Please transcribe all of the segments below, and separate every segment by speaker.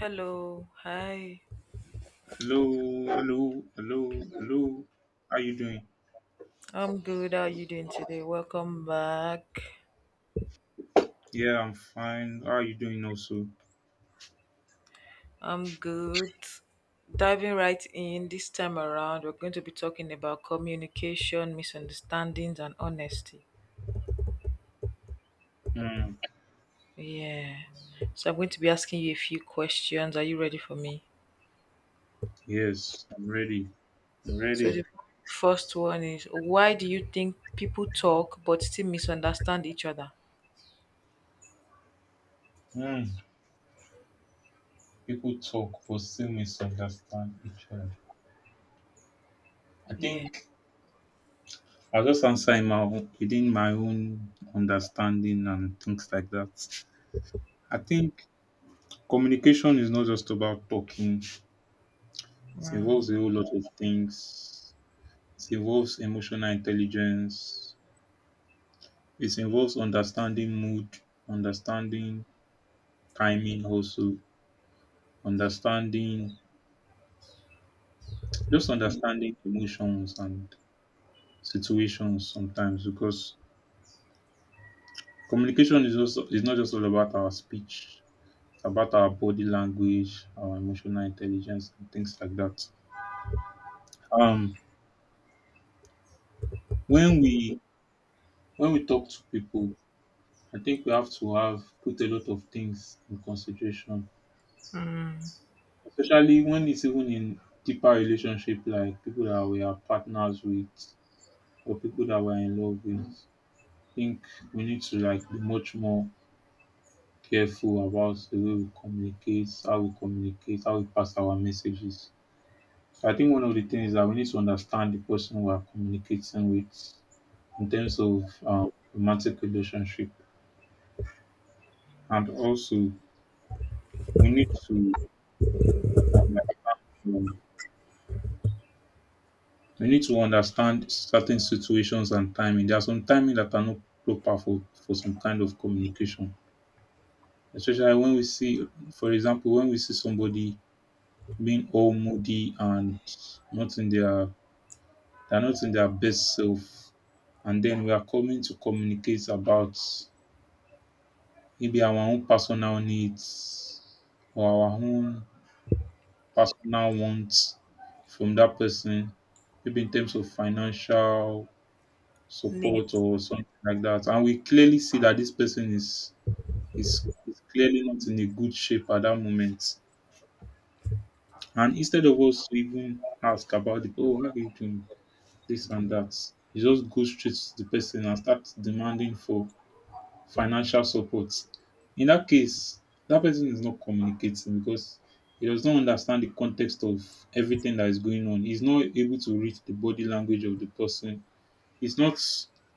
Speaker 1: Hello, hi.
Speaker 2: Hello, hello, hello, hello. How you doing?
Speaker 1: I'm good. How are you doing today? Welcome back.
Speaker 2: Yeah, I'm fine. How are you doing also?
Speaker 1: I'm good. Diving right in this time around, we're going to be talking about communication, misunderstandings, and honesty.
Speaker 2: Hmm.
Speaker 1: Yeah. So I'm going to be asking you a few questions. Are you ready for me?
Speaker 2: Yes, I'm ready. I'm
Speaker 1: So
Speaker 2: ready.
Speaker 1: the first one is: why do you think people talk but still misunderstand each other?
Speaker 2: Hmm. People talk but still misunderstand each other. I
Speaker 1: Yeah.
Speaker 2: think I'll just answer in my own, within my own understanding and things like that. I think communication is not just about talking. It
Speaker 1: Mm.
Speaker 2: involves a whole lot of things. It involves emotional intelligence. It involves understanding mood, understanding timing also, understanding, just understanding emotions and situations sometimes, because communication is also is not just all about our speech. It's about our body language, our emotional intelligence and things like that. Um when we talk to people, I think we have to have put a lot of things in consideration,
Speaker 1: Mm.
Speaker 2: especially when it's even in deeper relationship, like people that we are partners with or people that we're in love with. I think we need to like be much more careful about the way we communicate, how we communicate, how we pass our messages. So I think one of the things is that we need to understand the person we are communicating with in terms of romantic relationship, and also we need to um, we need to understand certain situations and timing. There are some timing that are not proper for some kind of communication. Especially when we see, for example, when we see somebody being all moody and not in their, they're not in their best self. And then we are coming to communicate about maybe our own personal needs or our own personal wants from that person, maybe in terms of financial
Speaker 1: Neat.
Speaker 2: support or something like that. And we clearly see that this person is clearly not in a good shape at that moment. And instead of us to even ask about the, oh, how are you doing this and that, you just go straight to the person and start demanding for financial support. In that case, that person is not communicating because he does not understand the context of everything that is going on. He's not able to read the body language of the person. It's not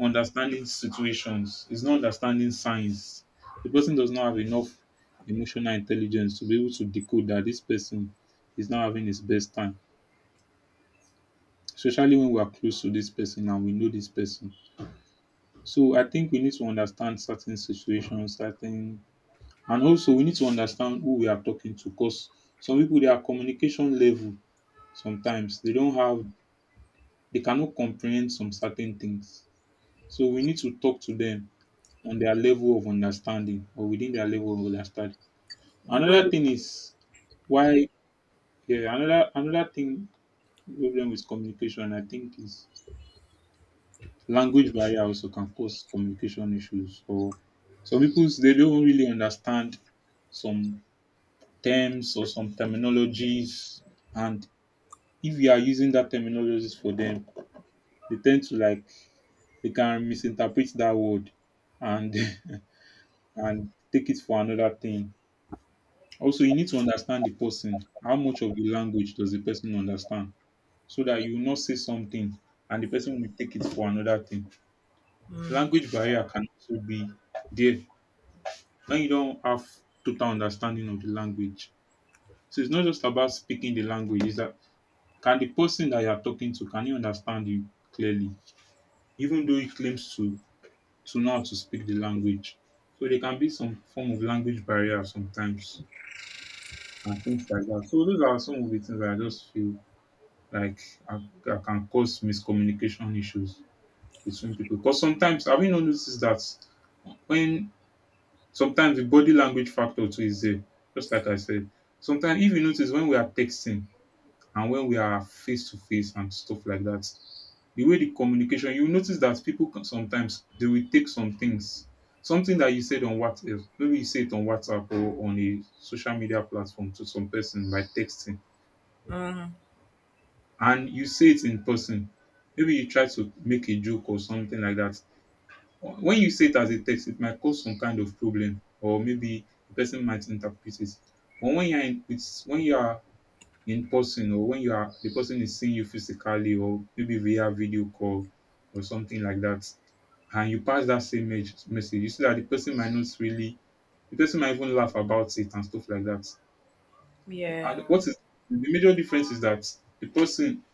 Speaker 2: understanding situations. It's not understanding signs. The person does not have enough emotional intelligence to be able to decode that this person is not having his best time, especially when we are close to this person and we know this person. So I think we need to understand certain situations, certain, and also we need to understand who we are talking to. Because some people, their communication level, sometimes they don't have, they cannot comprehend some certain things. So we need to talk to them on their level of understanding or within their level of understanding.
Speaker 1: The way.
Speaker 2: Another thing is why, yeah, another thing, problem with communication I think is language barrier also can cause communication issues, or some people they don't really understand some terms or some terminologies, and if you are using that terminologies for them they tend to like, they can misinterpret that word and and take it for another thing. Also, you need to understand the person. How much of the language does the person understand? So that you will not say something and the person will take it for another thing.
Speaker 1: Mm.
Speaker 2: Language barrier can also be there when you don't have total understanding of the language. So it's not just about speaking the language, it's that, can the person that you are talking to, can you understand you clearly? Even though he claims to know how to speak the language. So there can be some form of language barrier sometimes and things like that. So those are some of the things that I just feel like I, I can cause miscommunication issues between people, because sometimes have you not noticed that when, sometimes the body language factor too is there, just like I said. Sometimes if you notice, when we are texting and when we are face to face and stuff like that, the way the communication, you notice that people can sometimes they will take some things, something that you said on WhatsApp, maybe you say it on WhatsApp or on a social media platform to some person by texting,
Speaker 1: Mm.
Speaker 2: and you say it in person. Maybe you try to make a joke or something like that. When you say it as a text, it might cause some kind of problem, or maybe the person might interpret it. But when you are in, it's when you are in person, or when you are, the person is seeing you physically, or maybe via video call or something like that, and you pass that same message, you see that the person might not really, the person might even laugh about it and stuff like that. And
Speaker 1: Yeah.
Speaker 2: what is the major difference is that the person,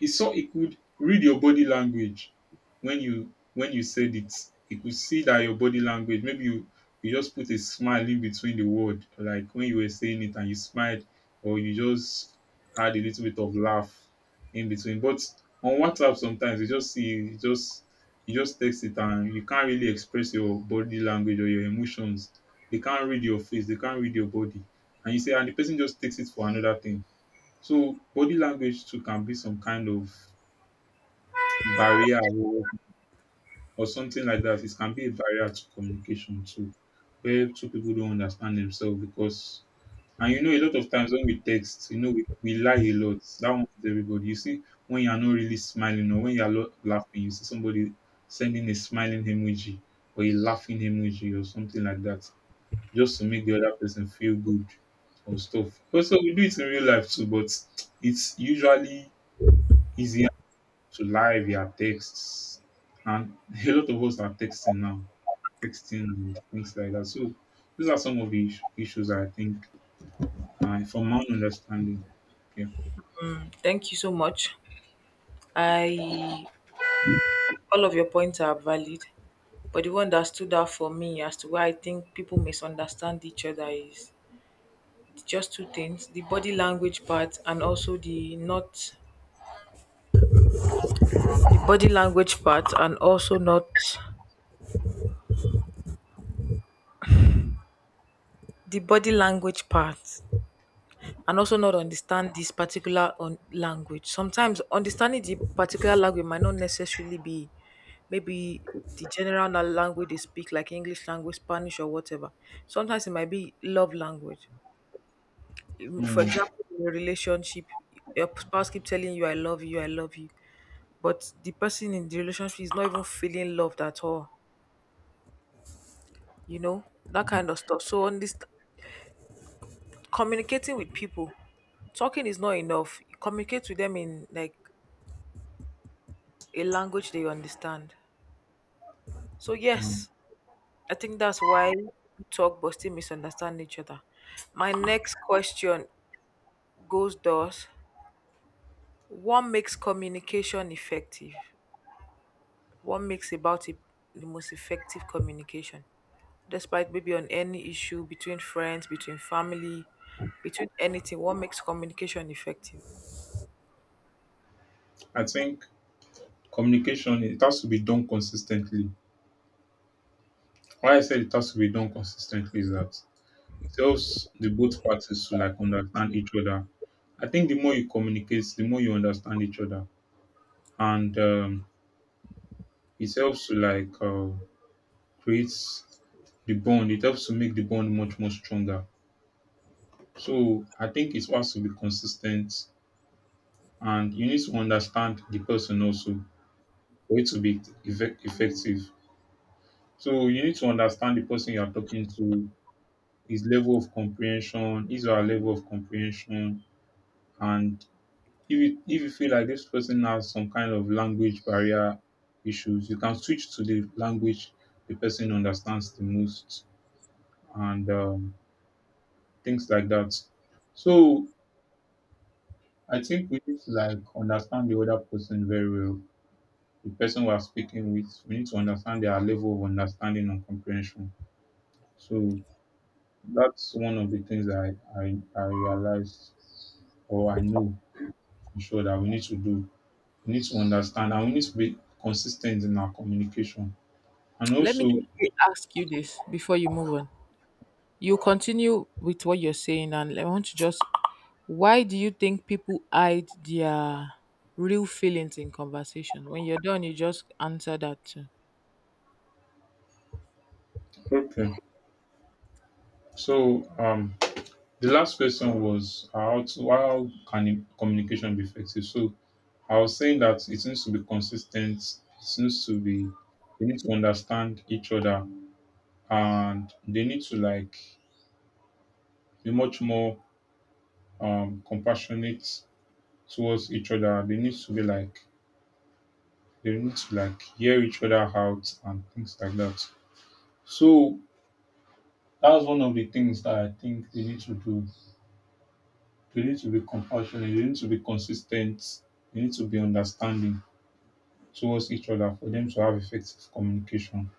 Speaker 2: he saw, he could read your body language when you said it. He could see that your body language. Maybe you, you just put a smile in between the word, like when you were saying it and you smiled, or you just had a little bit of laugh in between. But on WhatsApp sometimes you just see, you just, you just text it and you can't really express your body language or your emotions. They can't read your face, they can't read your body. And you say, and the person just takes it for another thing. So body language too can be some kind of barrier, or something like that. It can be a barrier to communication too, where two people don't understand themselves because, and you know, a lot of times when we text, you know we lie a lot. That one is everybody. You see when you are not really smiling or when you are laughing, you see somebody sending a smiling emoji or a laughing emoji or something like that, just to make the other person feel good or stuff. Also we do it in real life too, but it's usually easier to lie via texts. And a lot of us are texting now, texting and things like that. So those are some of the issues I think, from my own understanding. Yeah.
Speaker 1: Thank you so much. I all of your points are valid, but the one that stood out for me as to why I think people misunderstand each other is just two things: the body language part and also not the body language part and also not understand this particular on language. Sometimes understanding the particular language might not necessarily be, maybe, the general language they speak, like English language, Spanish, or whatever. Sometimes it might be love language. For
Speaker 2: Mm,
Speaker 1: example, in a relationship, your spouse keep telling you I love you, I love you, but the person in the relationship is not even feeling loved at all, that kind of stuff. So on this, communicating with people, talking is not enough. You communicate with them in like a language they understand. So yes,
Speaker 2: mm.
Speaker 1: I think that's why we talk but still misunderstand each other. My next question goes thus: what makes communication effective What makes about it the most effective communication? Despite maybe on any issue between friends, between family, between anything, what makes communication effective?
Speaker 2: I think communication it has to be done consistently. Why I said it has to be done consistently is that it helps the both parties to like understand each other. I think the more you communicate, the more you understand each other, and it helps to like create the bond. It helps to make the bond much more stronger. So I think it has to be consistent, and you need to understand the person also for it to be effective. So you need to understand the person you are talking to, his level of comprehension, his or her level of comprehension, and if you feel like this person has some kind of language barrier issues, you can switch to the language the person understands the most, and things like that. So I think we need to like understand the other person very well. The person we are speaking with, we need to understand their level of understanding and comprehension. So that's one of the things I realized or I know for sure that we need to do. We need to understand and we need to be consistent in our communication. And
Speaker 1: Let me
Speaker 2: also,
Speaker 1: quickly ask you this before you move on. You continue with what you're saying, and I want to just why do you think people hide their real feelings in conversation? When you're done, you just answer that too.
Speaker 2: okay. So the last question was how to, how can communication be effective? So I was saying that it needs to be consistent. It needs to be. They need to understand each other, and they need to like be much more compassionate towards each other. They need to be like, they need to like hear each other out and things like that. So that's one of the things that I think they need to do. They need to be compassionate. They need to be consistent. They need to be understanding towards each other for them to have effective communication.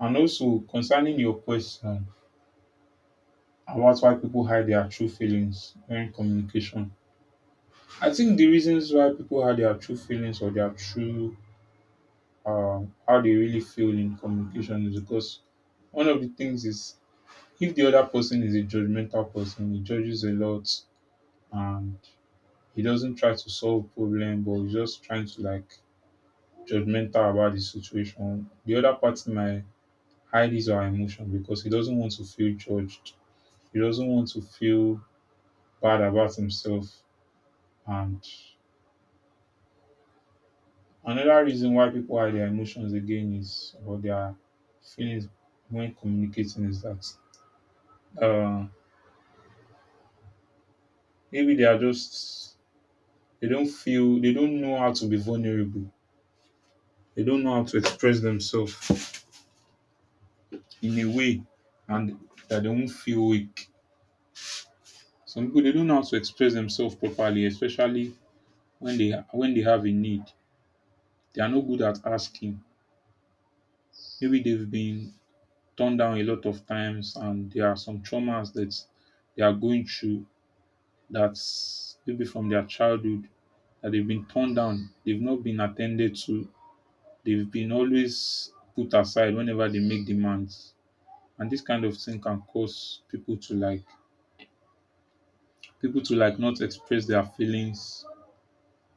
Speaker 2: And also concerning your question, and what's why people hide their true feelings during communication? I think the reasons why people hide their true feelings or their true, uh, how they really feel in communication is because, one of the things is, if the other person is a judgmental person, he judges a lot and he doesn't try to solve problem, but he's just trying to like judgmental about the situation. The other party might hide his or her emotion because he doesn't want to feel judged. He doesn't want to feel bad about himself. And another reason why people hide their emotions again is, or their feelings when communicating, is that uh, maybe they are just, they don't feel, they don't know how to be vulnerable. They don't know how to express themselves in a way, and that they won't feel weak. Some people they don't know how to express themselves properly, especially when they have a need. They are not good at asking. Maybe they've been turned down a lot of times and there are some traumas that they are going through, that's maybe from their childhood, that they've been torn down, they've not been attended to, they've been always put aside whenever they make demands. And this kind of thing can cause people to like not express their feelings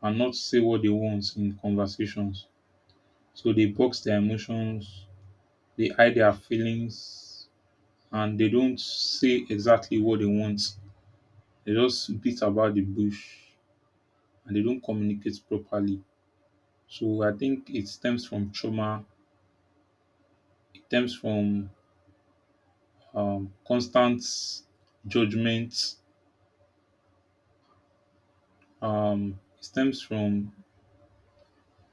Speaker 2: and not say what they want in conversations. So they box their emotions, they hide their feelings, and they don't say exactly what they want. They just beat about the bush and they don't communicate properly. So I think it stems from trauma, it stems from constant judgment, it stems from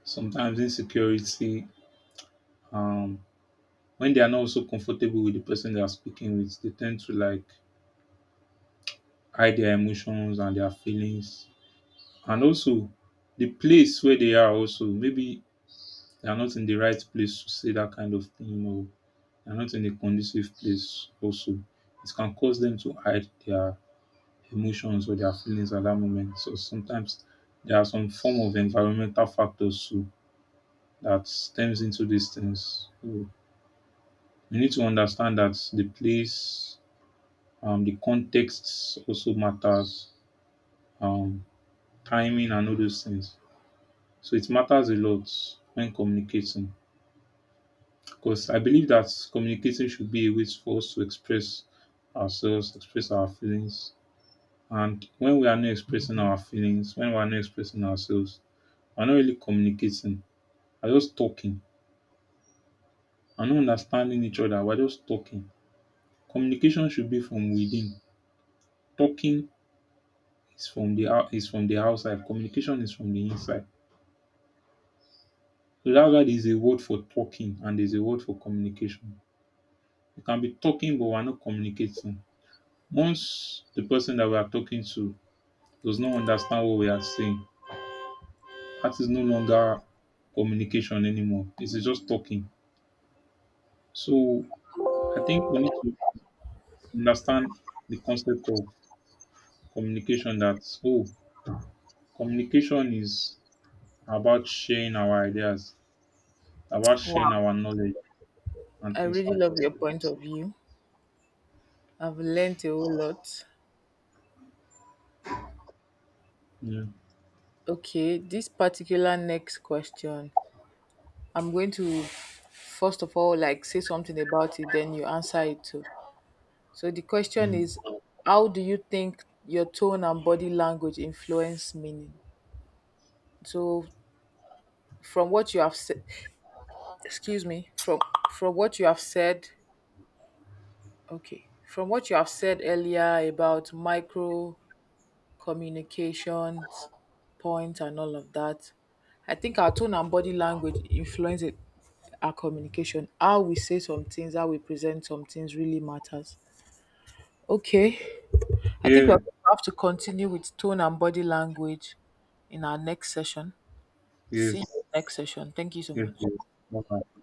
Speaker 2: sometimes insecurity. Um, when they are not also comfortable with the person they are speaking with, they tend to like hide their emotions and their feelings. And also, the place where they are, also, maybe they are not in the right place to say that kind of thing, or they are not in a conducive place, also. It can cause them to hide their emotions or their feelings at that moment. So sometimes there are some form of environmental factors too that stems into these things. So we need to understand that the place, the context also matters, um, timing and all those things. So it matters a lot when communicating, because I believe that communicating should be a way for us to express ourselves, express our feelings. And when we are not expressing our feelings, when we are not expressing ourselves, we're not really communicating, we're just talking. We're not understanding each other, we're just talking. Communication should be from within. Talking is from the out, is from the outside. Communication is from the inside. So that's why there's a word for talking and there's a word for communication. We can be talking but we're not communicating. Once the person that we are talking to does not understand what we are saying, that is no longer communication anymore. It is just talking. So I think we need to understand the concept of communication, that, oh, communication is about sharing our ideas, about
Speaker 1: Wow.
Speaker 2: sharing our knowledge and
Speaker 1: I
Speaker 2: things
Speaker 1: really
Speaker 2: like
Speaker 1: love
Speaker 2: that.
Speaker 1: your point of view. I've learned a whole lot.
Speaker 2: Yeah.
Speaker 1: Okay, this particular next question, I'm going to first of all like say something about it, then you answer it too. So the question
Speaker 2: Mm.
Speaker 1: is, how do you think your tone and body language influence meaning? So from what you have said, excuse me, from what you have said, okay, from what you have said earlier about micro communications, points, and all of that. I think our tone and body language influence it, our communication. How we say some things, how we present some things really matters. Okay. I think we
Speaker 2: Yeah.
Speaker 1: have to continue with tone and body language in our next session. See
Speaker 2: Yes.
Speaker 1: you next session. Thank you so
Speaker 2: Yes,
Speaker 1: much.
Speaker 2: yes. Bye.